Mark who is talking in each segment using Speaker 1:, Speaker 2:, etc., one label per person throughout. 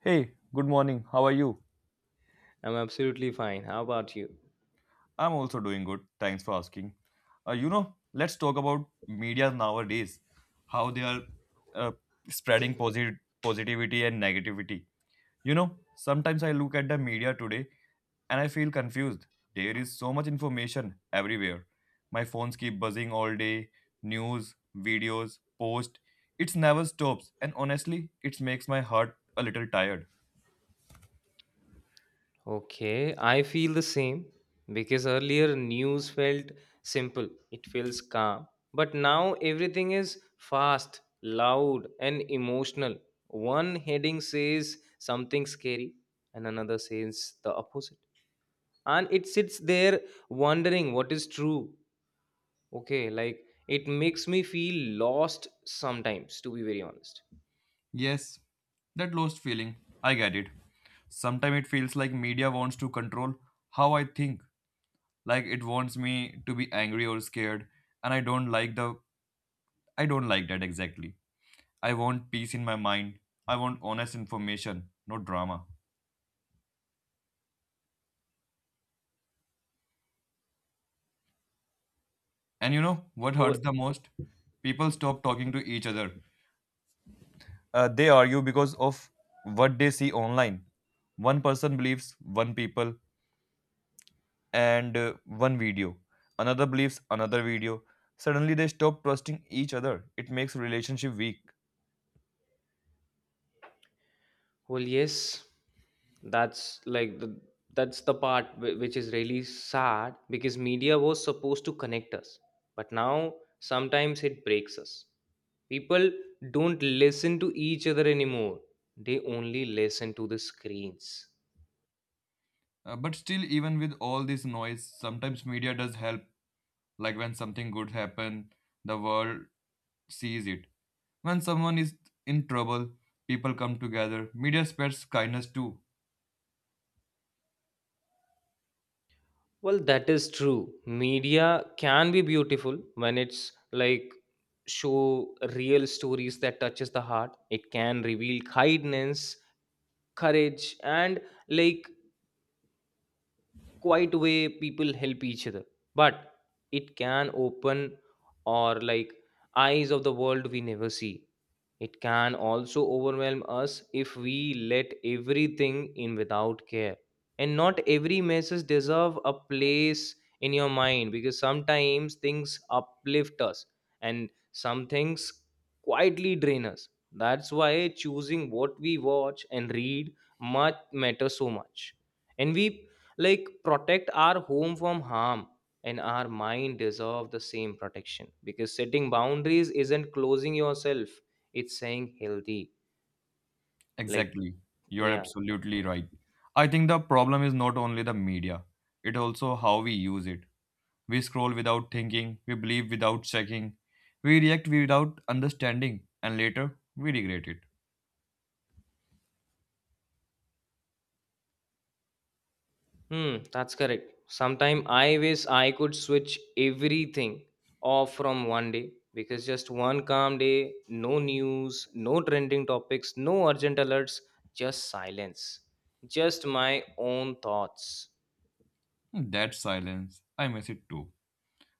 Speaker 1: Hey, good morning. How are you?
Speaker 2: I'm absolutely fine. How about you?
Speaker 1: I'm also doing good. Thanks for asking. Let's talk about media nowadays, how they are uh, spreading positivity and negativity. Sometimes I look at the media today and I feel confused. There is so much information everywhere. My phones keep buzzing all day, news, videos, posts. It never stops, and honestly, it makes my heart a little tired.
Speaker 2: Okay, I feel the same because earlier news felt simple, it feels calm. But now everything is fast, loud, and emotional. One heading says something scary, and another says the opposite. And it sits there wondering what is true. Okay, like it makes me feel lost sometimes, to be very honest.
Speaker 1: Yes, that lost feeling. I get it. Sometimes it feels like media wants to control how I think. Like it wants me to be angry or scared, and I don't like that exactly. I want peace in my mind. I want honest information, not drama. And you know what hurts the most? People stop talking to each other. They argue because of what they see online. One person believes one people, and one video. Another believes another video. Suddenly they stop trusting each other. It makes relationship weak.
Speaker 2: Well, yes, that's like the that's the part which is really sad because media was supposed to connect us, but now sometimes it breaks us. People don't listen to each other anymore. They only listen to the screens.
Speaker 1: But still, even with all this noise, sometimes media does help. Like when something good happen, the world sees it. When someone is in trouble, people come together. Media spreads kindness too.
Speaker 2: Well, that is true. Media can be beautiful when it's like show real stories that touches the heart. It can reveal kindness, courage, and like quiet way people help each other, but it can open, or like, eyes of the world we never see. It can also overwhelm us if we let everything in without care, and not every message deserve a place in your mind, because sometimes things uplift us and some things quietly drain us. That's why choosing what we watch and read much matters so much, and we like protect our home from harm, and our mind deserve the same protection, because setting boundaries isn't closing yourself, it's saying healthy like.
Speaker 1: Exactly. You're
Speaker 2: Yeah.
Speaker 1: absolutely right. I think the problem is not only the media, it also how we use it. We scroll without thinking, we believe without checking, we react without understanding, and later we regret it.
Speaker 2: Hmm, that's correct. Sometime I wish I could switch everything off from one day, because just one calm day, no news, no trending topics, no urgent alerts, just silence, just my own thoughts.
Speaker 1: That silence, I miss it too.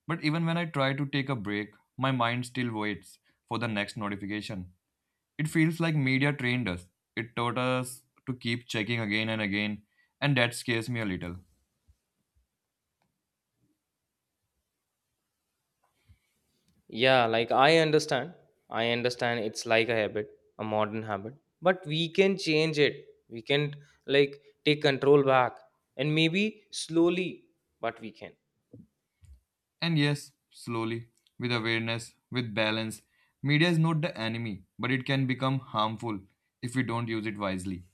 Speaker 1: But even when I try to take a break, my mind still waits for the next notification. It feels like media trained us. It taught us to keep checking again and again, and that scares me a little.
Speaker 2: Yeah, like I understand. I understand it's like a habit, a modern habit, but we can change it. We can like take control back, and maybe slowly, but we can.
Speaker 1: And yes, slowly, with awareness, with balance, media is not the enemy, but it can become harmful if we don't use it wisely.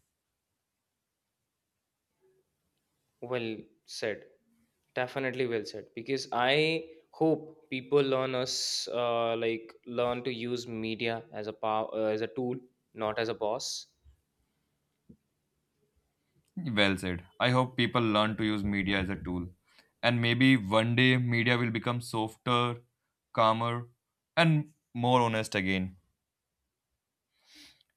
Speaker 2: Well said. Definitely well said. Because I hope people learn us like learn to use media as a power, as a tool, not as a boss.
Speaker 1: Well said. I hope people learn to use media as a tool. And maybe one day media will become softer, calmer, and more honest again.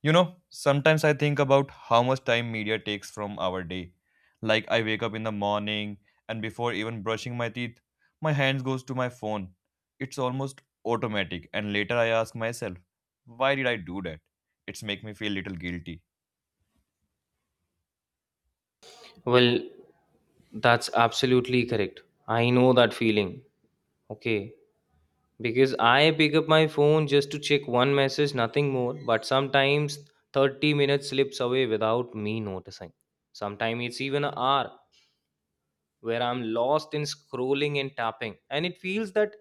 Speaker 1: Sometimes I think about how much time media takes from our day. Like I wake up in the morning and before even brushing my teeth, my hands goes to my phone. It's almost automatic and later I ask myself, why did I do that? It's make me feel little guilty.
Speaker 2: Well, that's absolutely correct. I know that feeling. Okay. Because I pick up my phone just to check one message, nothing more, but sometimes 30 minutes slips away without me noticing. Sometimes it's even an hour where I'm lost in scrolling and tapping, and it feels that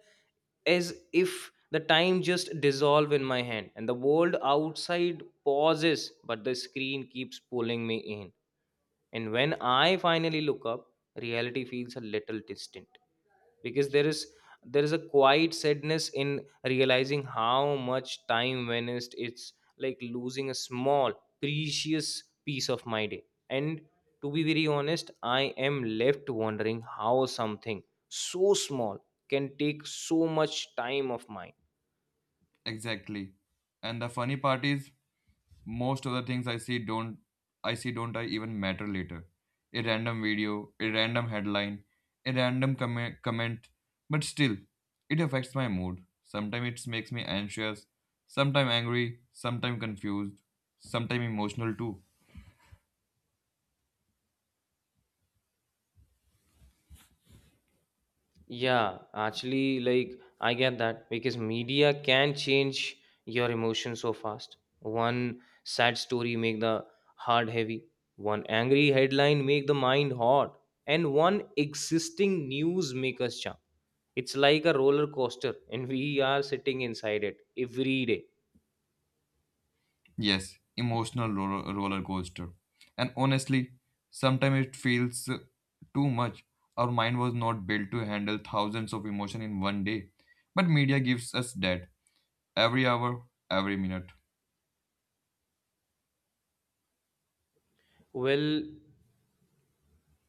Speaker 2: as if the time just dissolve in my hand and the world outside pauses, but the screen keeps pulling me in, and when I finally look up, reality feels a little distant, because there is a quiet sadness in realizing how much time vanished. It's like losing a small precious piece of my day. And to be very honest, I am left wondering how something so small can take so much time of mine.
Speaker 1: Exactly. And the funny part is most of the things I see don't I see don't I even matter later. A random video, a random headline, a random comment, but still, it affects my mood. Sometimes it makes me anxious, sometimes angry, sometimes confused, sometimes emotional too.
Speaker 2: Yeah, actually, like I get that because media can change your emotions so fast. One sad story make the heart heavy, one angry headline make the mind hot, and one existing news make us jump. It's like a roller coaster, and we are sitting inside it every day.
Speaker 1: Yes, emotional roller coaster. And honestly, sometimes it feels too much. Our mind was not built to handle thousands of emotion in one day, but media gives us that. Every hour, every minute.
Speaker 2: Well,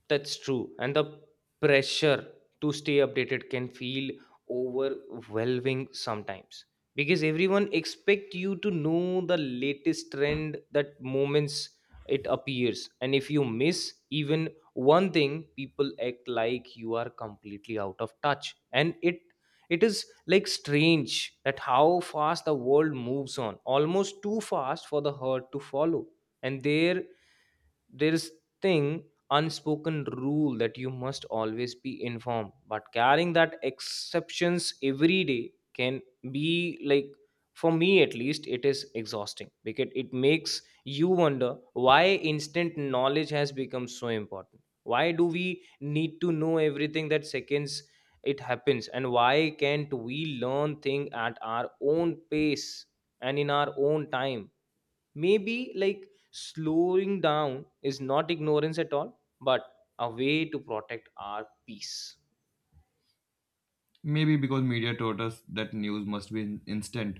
Speaker 2: that's true. And the pressure to stay updated can feel overwhelming sometimes, because everyone expect you to know the latest trend that moments it appears, and if you miss even one thing people act like you are completely out of touch, and it is like strange that how fast the world moves on, almost too fast for the herd to follow, and there is thing unspoken rule that you must always be informed, but carrying that exceptions every day can be like, for me at least, it is exhausting because it makes you wonder why instant knowledge has become so important, why do we need to know everything that seconds it happens, and why can't we learn thing at our own pace and in our own time. Maybe like slowing down is not ignorance at all, but a way to protect our peace.
Speaker 1: Maybe because media taught us that news must be instant.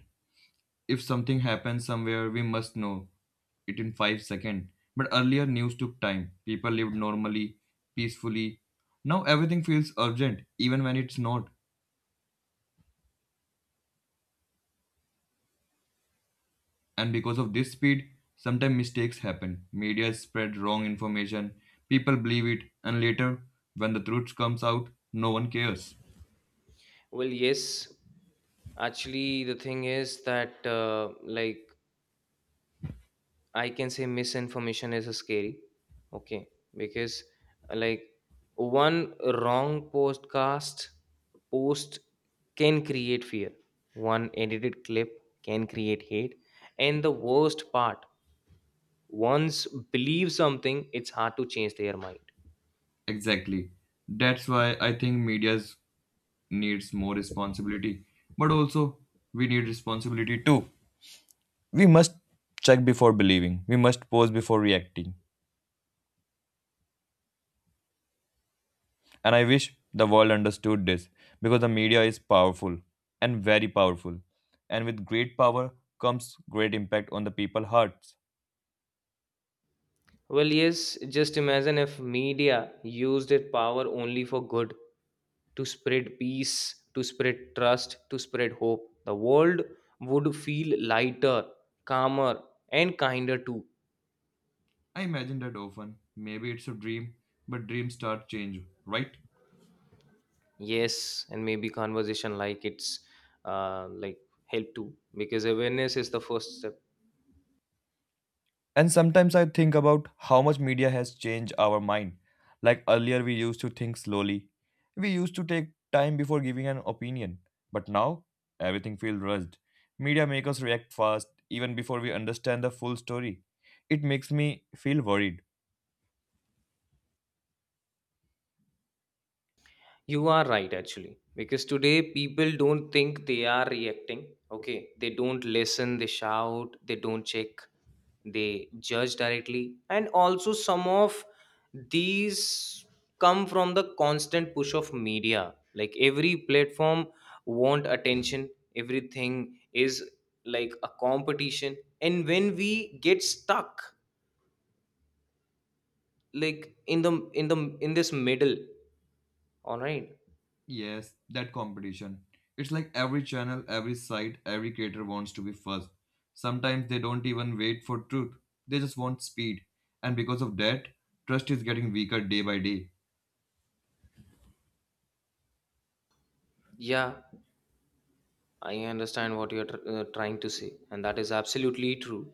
Speaker 1: If something happens somewhere, we must know it in 5 seconds. But earlier, news took time. People lived normally, peacefully. Now everything feels urgent, even when it's not. And because of this speed, sometimes mistakes happen. Media spread wrong information, people believe it, and later, when the truth comes out, no one cares.
Speaker 2: Well, yes, actually, the thing is that, like, I can say misinformation is scary, okay? Because, like, one wrong podcast post can create fear, one edited clip can create hate, and the worst part, once believe something it's hard to change their mind.
Speaker 1: Exactly. That's why I think media's needs more responsibility, but also we need responsibility too. We must check before believing, we must pause before reacting. And I wish the world understood this because the media is powerful and very powerful. And with great power comes great impact on the people's hearts.
Speaker 2: Well, yes, just imagine if media used its power only for good, to spread peace, to spread trust, to spread hope, the world would feel lighter, calmer, and kinder too.
Speaker 1: I imagine that often. Maybe it's a dream, but dreams start change, right?
Speaker 2: Yes, and maybe conversation like it's like help too, because awareness is the first step.
Speaker 1: And sometimes I think about how much media has changed our mind. Like earlier, we used to think slowly. We used to take time before giving an opinion. But now, everything feels rushed. Media make us react fast, even before we understand the full story. It makes me feel worried.
Speaker 2: You are right, actually, because today people don't think they are reacting. Okay, they don't listen, they shout, they don't check, they judge directly. And also, some of these come from the constant push of media. Like every platform want attention, everything is like a competition. And when we get stuck, like in this middle, all right.
Speaker 1: Yes, that competition. It's like every channel, every site, every creator wants to be first. Sometimes they don't even wait for truth, they just want speed. And because of that, trust is getting weaker day by day.
Speaker 2: Yeah, I understand what you're trying to say, and that is absolutely true.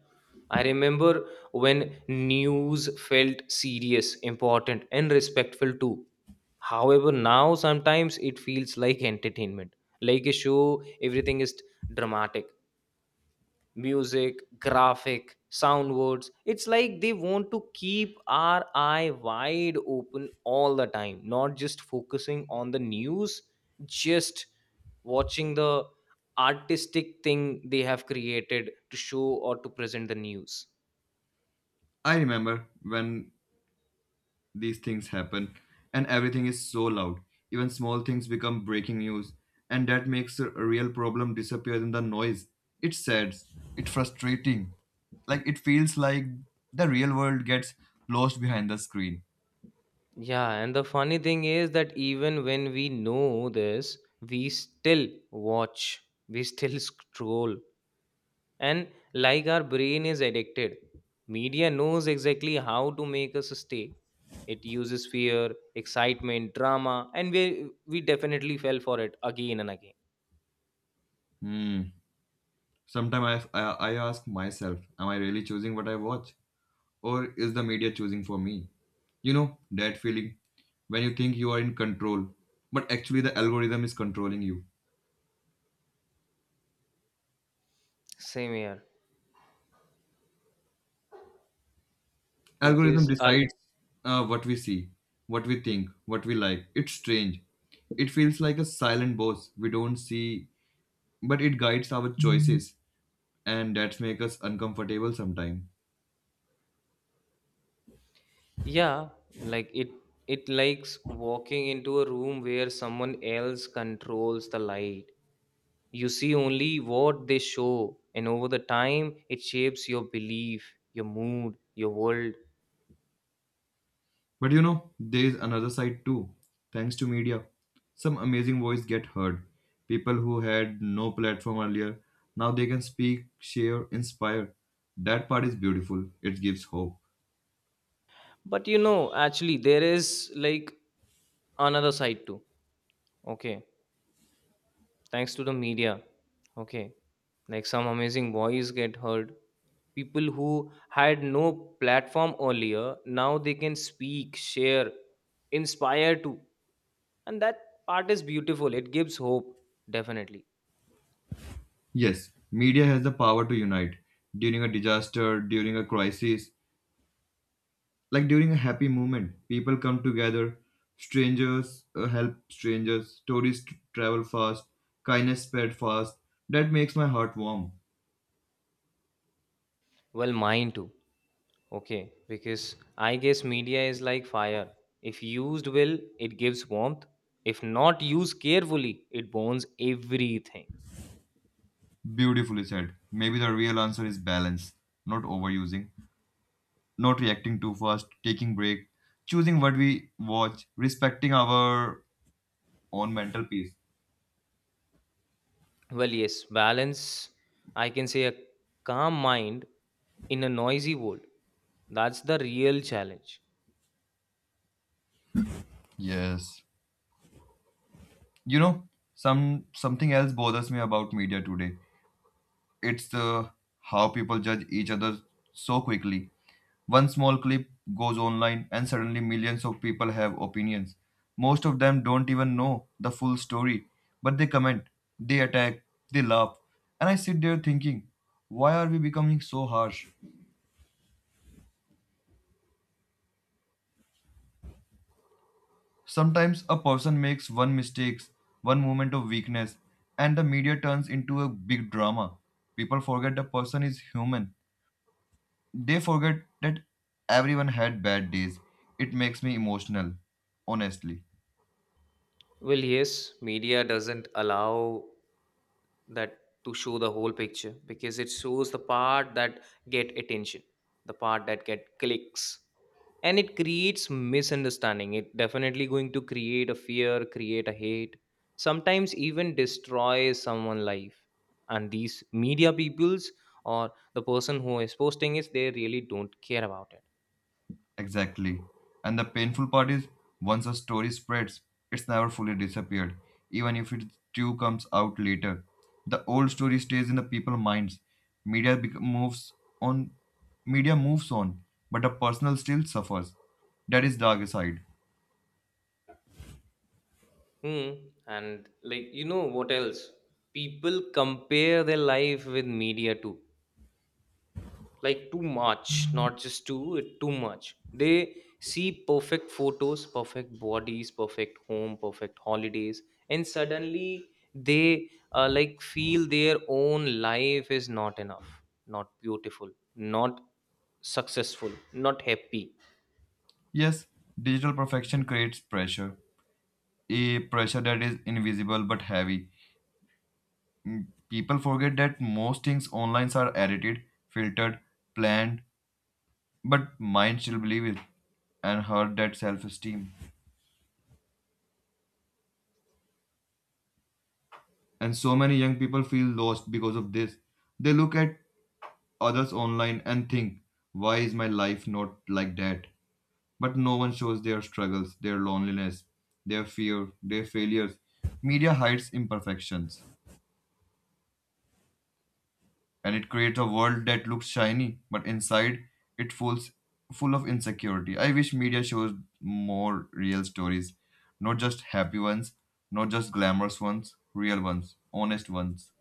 Speaker 2: I remember when news felt serious, important, and respectful too. However, now sometimes it feels like entertainment, like a show, everything is dramatic music, graphic, sound words. It's like they want to keep our eye wide open all the time, not just focusing on the news, just watching the artistic thing they have created to show or to present the news.
Speaker 1: I remember when these things happen and everything is so loud. Even small things become breaking news, and that makes a real problem disappear in the noise. It's sad, it's frustrating. Like it feels like the real world gets lost behind the screen.
Speaker 2: Yeah, and the funny thing is that even when we know this, we still watch, we still scroll, and like our brain is addicted. Media knows exactly how to make us stay. It uses fear, excitement, drama, and we definitely fell for it again and again.
Speaker 1: Hmm. Sometimes I ask myself, am I really choosing what I watch? Or is the media choosing for me? You know, that feeling when you think you are in control, but actually the algorithm is controlling you.
Speaker 2: Same here,
Speaker 1: Algorithm
Speaker 2: because
Speaker 1: decides what we see, what we think, what we like. It's strange. It feels like a silent boss we don't see, but it guides our choices, and that makes us uncomfortable sometimes.
Speaker 2: yeah, like it likes walking into a room where someone else controls the light. You see only what they show, and over the time it shapes your belief, your mood, your world.
Speaker 1: But there is another side too. Thanks to media, some amazing voice get heard. People who had no platform earlier now they can speak, share, inspire. That part is beautiful. It gives hope.
Speaker 2: But you know, actually there is like another side too. Okay, thanks to the media, okay, like some amazing voice get heard, people who had no platform earlier now they can speak, share, inspire too, and that part is beautiful, it gives hope. Definitely.
Speaker 1: Yes, media has the power to unite. During a disaster, during a crisis, like during a happy moment, people come together. Strangers help strangers. Stories travel fast. Kindness spread fast. That makes my heart warm.
Speaker 2: Well, mine too. Okay, because I guess media is like fire, if used well it gives warmth, if not used carefully it burns everything.
Speaker 1: Beautifully said. Maybe the real answer is balance, not overusing, not reacting too fast, taking break, choosing what we watch, respecting our own mental peace.
Speaker 2: Well, yes, balance, I can say a calm mind in a noisy world. That's the real challenge.
Speaker 1: Yes. You know, some something else bothers me about media today. It's the How people judge each other so quickly. One small clip goes online, and suddenly millions of people have opinions. Most of them don't even know the full story, but they comment, they attack, they laugh. And I sit there thinking, why are we becoming so harsh? Sometimes a person makes one mistake, one moment of weakness, and the media turns into a big drama. People forget the person is human. They forget that everyone had bad days. It makes me emotional, honestly.
Speaker 2: Well, yes, media doesn't allow that to show the whole picture, because it shows the part that get attention, the part that get clicks, and it creates misunderstanding, it definitely going to create a fear, create a hate, sometimes even destroy someone life, and these media peoples or the person who is posting is, they really don't care about it.
Speaker 1: Exactly. And the painful part is, once a story spreads, it's never fully disappeared, even if it too comes out later. The old story stays in the people's minds. Media bec- moves on. Media moves on, but the personal still suffers. That is dark side.
Speaker 2: Hmm. And like, you know what else, people compare their life with media too, like too much, not just too, it too much. They see perfect photos, perfect bodies, perfect home, perfect holidays, and suddenly they like feel their own life is not enough, not beautiful, not successful, not happy.
Speaker 1: Yes, digital perfection creates pressure, a pressure that is invisible but heavy. People forget that most things online are edited, filtered, planned, but mind still believe it and hurt that self esteem. And so many young people feel lost because of this. They look at others online and think, why is my life not like that? But no one shows their struggles, their loneliness, their fear, their failures. Media hides imperfections, and it creates a world that looks shiny, but inside it falls full of insecurity. I wish media shows more real stories, not just happy ones, not just glamorous ones, real ones, honest ones.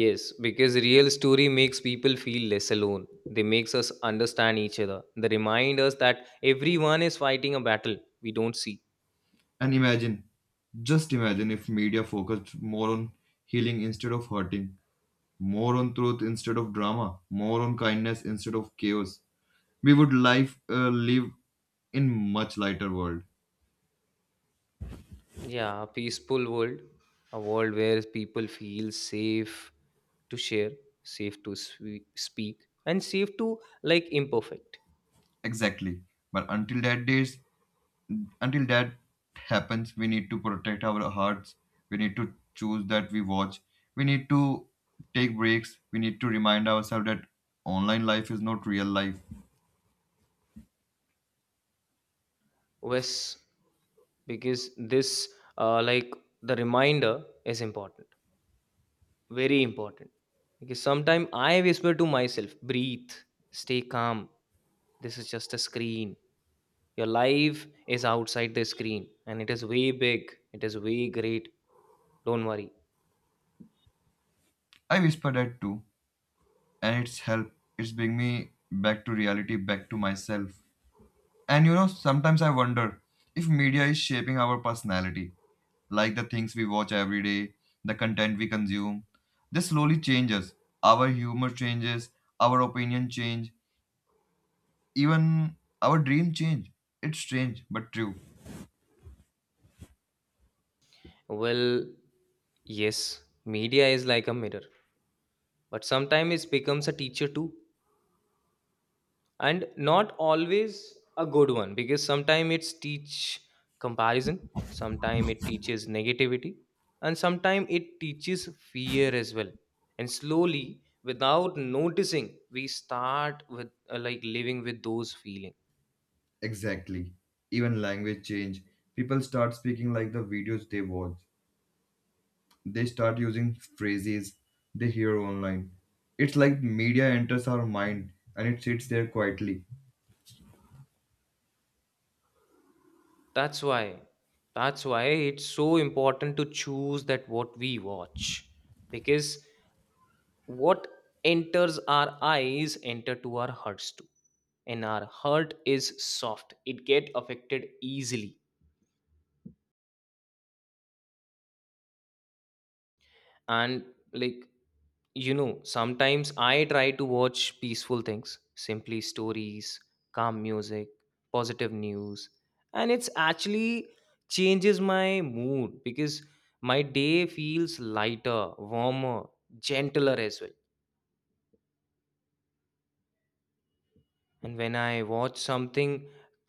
Speaker 2: Yes, because real story makes people feel less alone, they makes us understand each other, they remind us that everyone is fighting a battle we don't see.
Speaker 1: And imagine, just imagine if media focused more on healing instead of hurting, more on truth instead of drama, more on kindness instead of chaos. We would life live in much lighter world.
Speaker 2: Yeah, a peaceful world, a world where people feel safe to share, safe to speak, and safe to like imperfect.
Speaker 1: Exactly. But until that happens, we need to protect our hearts, we need to choose that we watch, we need to take breaks, we need to remind ourselves that online life is not real life.
Speaker 2: Yes, because this like the reminder is important, very important. Because sometimes I whisper to myself, breathe, stay calm. This is just a screen. Your life is outside the screen, and it is way big. It is way great. Don't worry.
Speaker 1: I whisper that too, and it's help, it's bring me back to reality, back to myself. And, sometimes I wonder if media is shaping our personality, like the things we watch every day, the content we consume. This slowly changes. Our humor changes, our opinion change, even our dream change. It's strange but true.
Speaker 2: Well, yes, media is like a mirror, but sometimes it becomes a teacher too, and not always a good one, because sometimes it's teach comparison, sometimes it teaches negativity, and sometimes it teaches fear as well. And slowly, without noticing, we start with like living with those feelings.
Speaker 1: Exactly. Even language change. People start speaking like the videos they watch. They start using phrases they hear online. It's like media enters our mind and it sits there quietly.
Speaker 2: That's why, that's why, it's so important to choose that what we watch, because what enters our eyes enter to our hearts too, and our heart is soft, it get affected easily. And like, you know, sometimes I try to watch peaceful things, simply stories, calm music, positive news, and it's actually changes my mood, because my day feels lighter, warmer, gentler as well. And when I watch something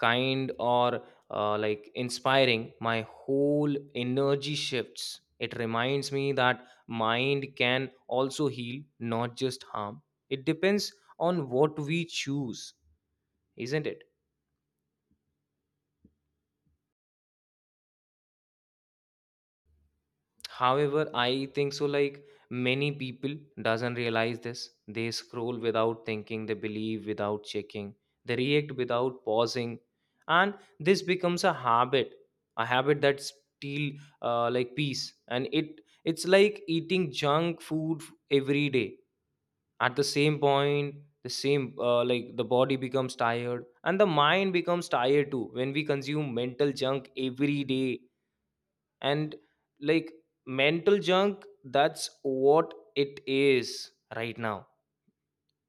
Speaker 2: kind or like inspiring, my whole energy shifts, it reminds me that mind can also heal, not just harm. It depends on what we choose, isn't it? However, I think so like many people doesn't realize this. They scroll without thinking, they believe without checking, they react without pausing, and this becomes a habit that steal like peace. And it's like eating junk food every day. At the same point, the same like the body becomes tired and the mind becomes tired too when we consume mental junk every day. And like mental junk, that's what it is right now.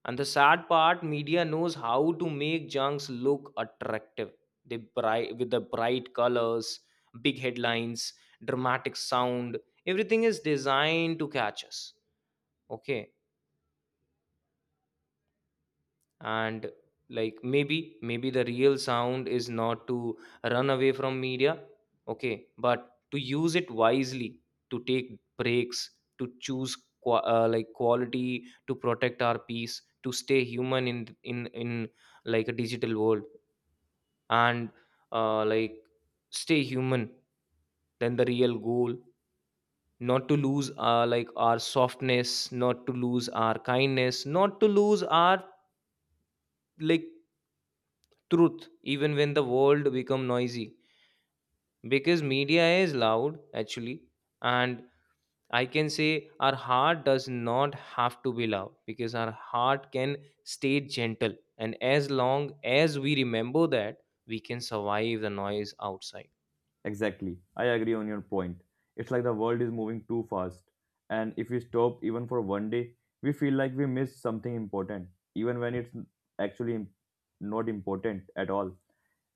Speaker 2: And the sad part, media knows how to make junks look attractive. They bright with the bright colors, big headlines, dramatic sound, everything is designed to catch us. Okay. And like maybe the real sound is not to run away from media, okay, but to use it wisely, to take breaks, to choose like quality, to protect our peace, to stay human in like a digital world. And like stay human, then the real goal, not to lose like our softness, not to lose our kindness, not to lose our like truth, even when the world become noisy. Because media is loud actually. And I can say our heart does not have to be loud because our heart can stay gentle, and as long as we remember that, we can survive the noise outside.
Speaker 1: Exactly. I agree on your point. It's like the world is moving too fast. And if we stop even for one day, we feel like we missed something important, even when it's actually not important at all.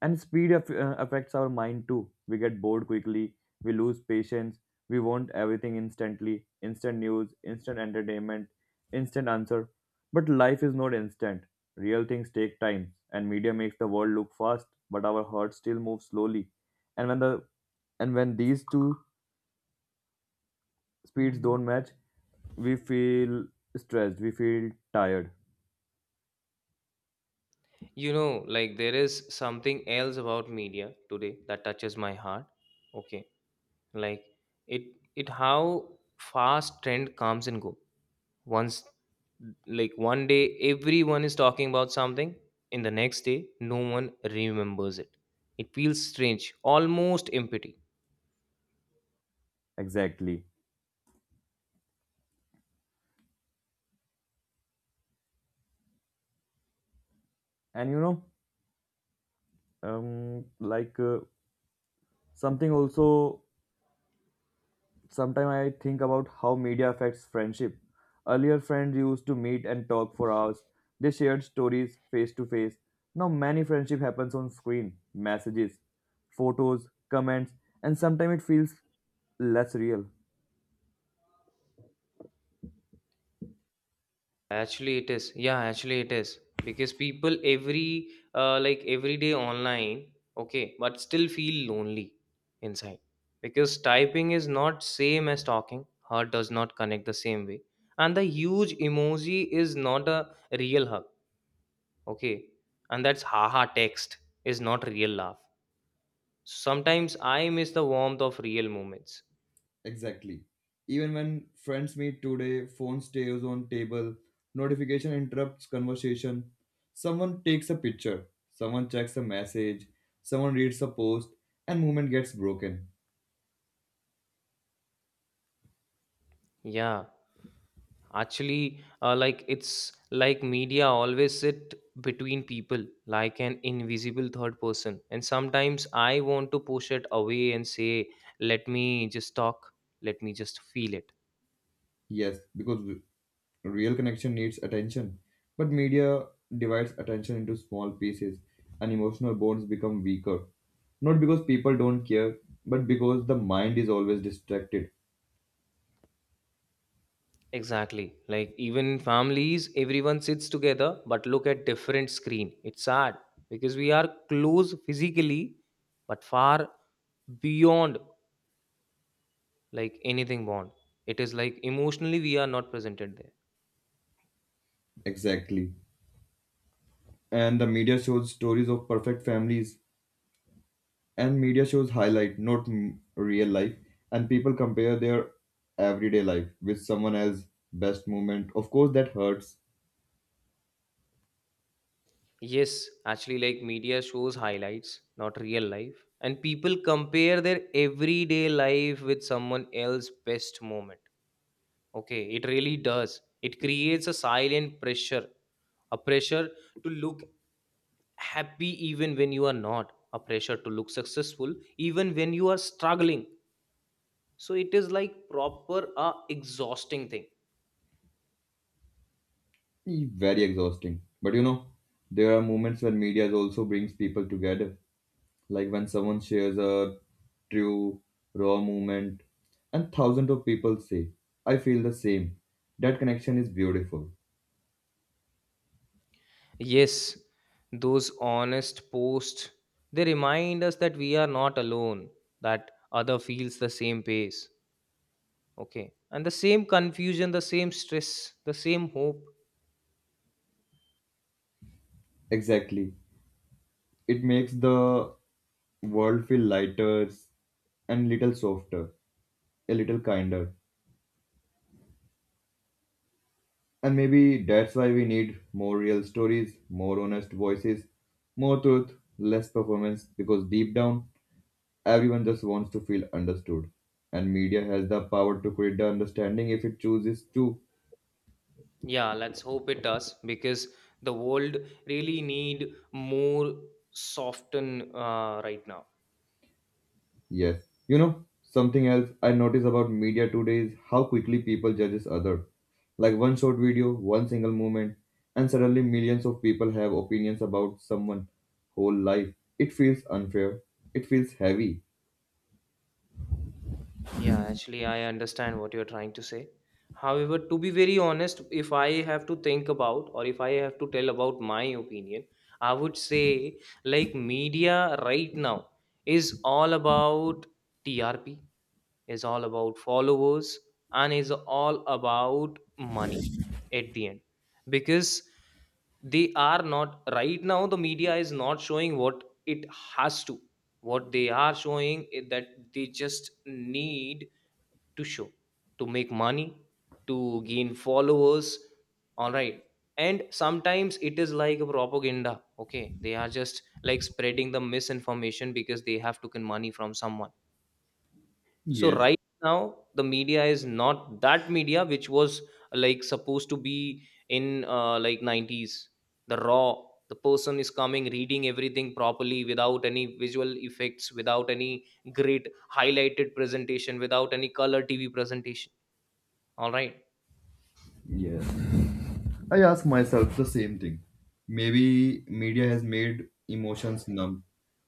Speaker 1: And speed affects our mind too. We get bored quickly, we lose patience, we want everything instantly, instant news, instant entertainment, instant answer. But life is not instant. Real things take time, and media makes the world look fast, but our hearts still move slowly. And when the and when these two speeds don't match, we feel stressed, we feel tired.
Speaker 2: You know, like there is something else about media today that touches my heart. Okay. Like it how fast trend comes and go. Once, like one day everyone is talking about something, in the next day no one remembers it. It feels strange, almost empty.
Speaker 1: Exactly. And you know um like uh, something also sometime I think about how media affects friendship. Earlier, friends used to meet and talk for hours. They shared stories face to face. Now many friendship happens on screen, messages, photos, comments. And sometimes it feels less real.
Speaker 2: Actually it is. Yeah, actually it is, because people every like every day online, okay, but still feel lonely inside, because typing is not same as talking. Heart does not connect the same way. And the huge emoji is not a real hug. Okay. And that's haha, text is not real laugh. Sometimes I miss the warmth of real moments.
Speaker 1: Exactly. Even when friends meet today, phone stays on table, notification interrupts conversation. Someone takes a picture, someone checks a message, someone reads a post, and movement gets broken.
Speaker 2: Yeah, actually, like it's like media always sit between people like an invisible third person. And sometimes I want to push it away and say, let me just talk, let me just feel it.
Speaker 1: Yes, because real connection needs attention, but media divides attention into small pieces, and emotional bonds become weaker. Not because people don't care, but because the mind is always distracted.
Speaker 2: Exactly. Like even in families, everyone sits together but look at different screen. It's sad because we are close physically but far beyond like anything bond. It is like emotionally we are not presented there.
Speaker 1: Exactly. And the media shows stories of perfect families, and media shows highlight, not m- real life, and people compare their everyday life with someone else's best moment. Of course that hurts.
Speaker 2: Yes, actually like media shows highlights not real life, and people compare their everyday life with someone else's best moment. Okay, it really does. It creates a silent pressure, a pressure to look happy even when you are not, a pressure to look successful even when you are struggling. So it is like proper a exhausting thing.
Speaker 1: Very exhausting, but you know there are moments when media also brings people together, like when someone shares a true, raw moment and thousands of people say, I feel the same. That connection is beautiful.
Speaker 2: Yes, those honest posts, they remind us that we are not alone, that other feels the same pace. Okay. And the same confusion, the same stress, the same hope.
Speaker 1: Exactly. It makes the world feel lighter and little softer, a little kinder. And maybe that's why we need more real stories, more honest voices, more truth, less performance, because deep down, everyone just wants to feel understood. And media has the power to create the understanding if it chooses to.
Speaker 2: Yeah, let's hope it does because the world really need more soften right now.
Speaker 1: Yes. Something else I notice about media today is how quickly people judges other. Like one short video, one single moment, and suddenly millions of people have opinions about someone whole life. It feels unfair. It feels heavy.
Speaker 2: Yeah, actually, I understand what you're trying to say. However, to be very honest, if I have to think about or if I have to tell about my opinion, I would say like media right now is all about TRP, is all about followers, and is all about money at the end. Because they are not, right now, the media is not showing what it has to. What they are showing is that they just need to show, to make money, to gain followers. All right. And sometimes it is like a propaganda. Okay, they are just like spreading the misinformation because they have taken money from someone. So
Speaker 1: Yes.
Speaker 2: right now the media is not that media which was like supposed to be in like 90s, the raw, the person is coming reading everything properly without any visual effects, without any great highlighted presentation, without any color TV presentation. All right.
Speaker 1: Yes. I ask myself the same thing. Maybe media has made emotions numb.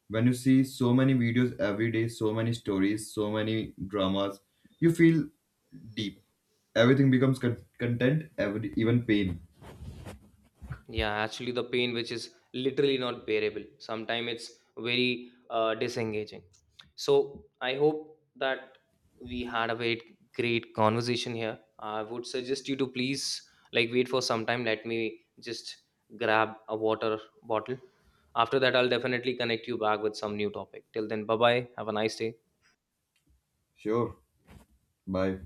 Speaker 1: When you see so many videos every day, so many stories, so many dramas, you feel deep. Everything becomes content, even pain.
Speaker 2: Yeah, actually, the pain which is literally not bearable. Sometimes it's very disengaging. So I hope that we had a very great conversation here. I would suggest you to please like wait for some time. Let me just grab a water bottle. After that, I'll definitely connect you back with some new topic. Till then, bye bye. Have a nice day.
Speaker 1: Sure. Bye.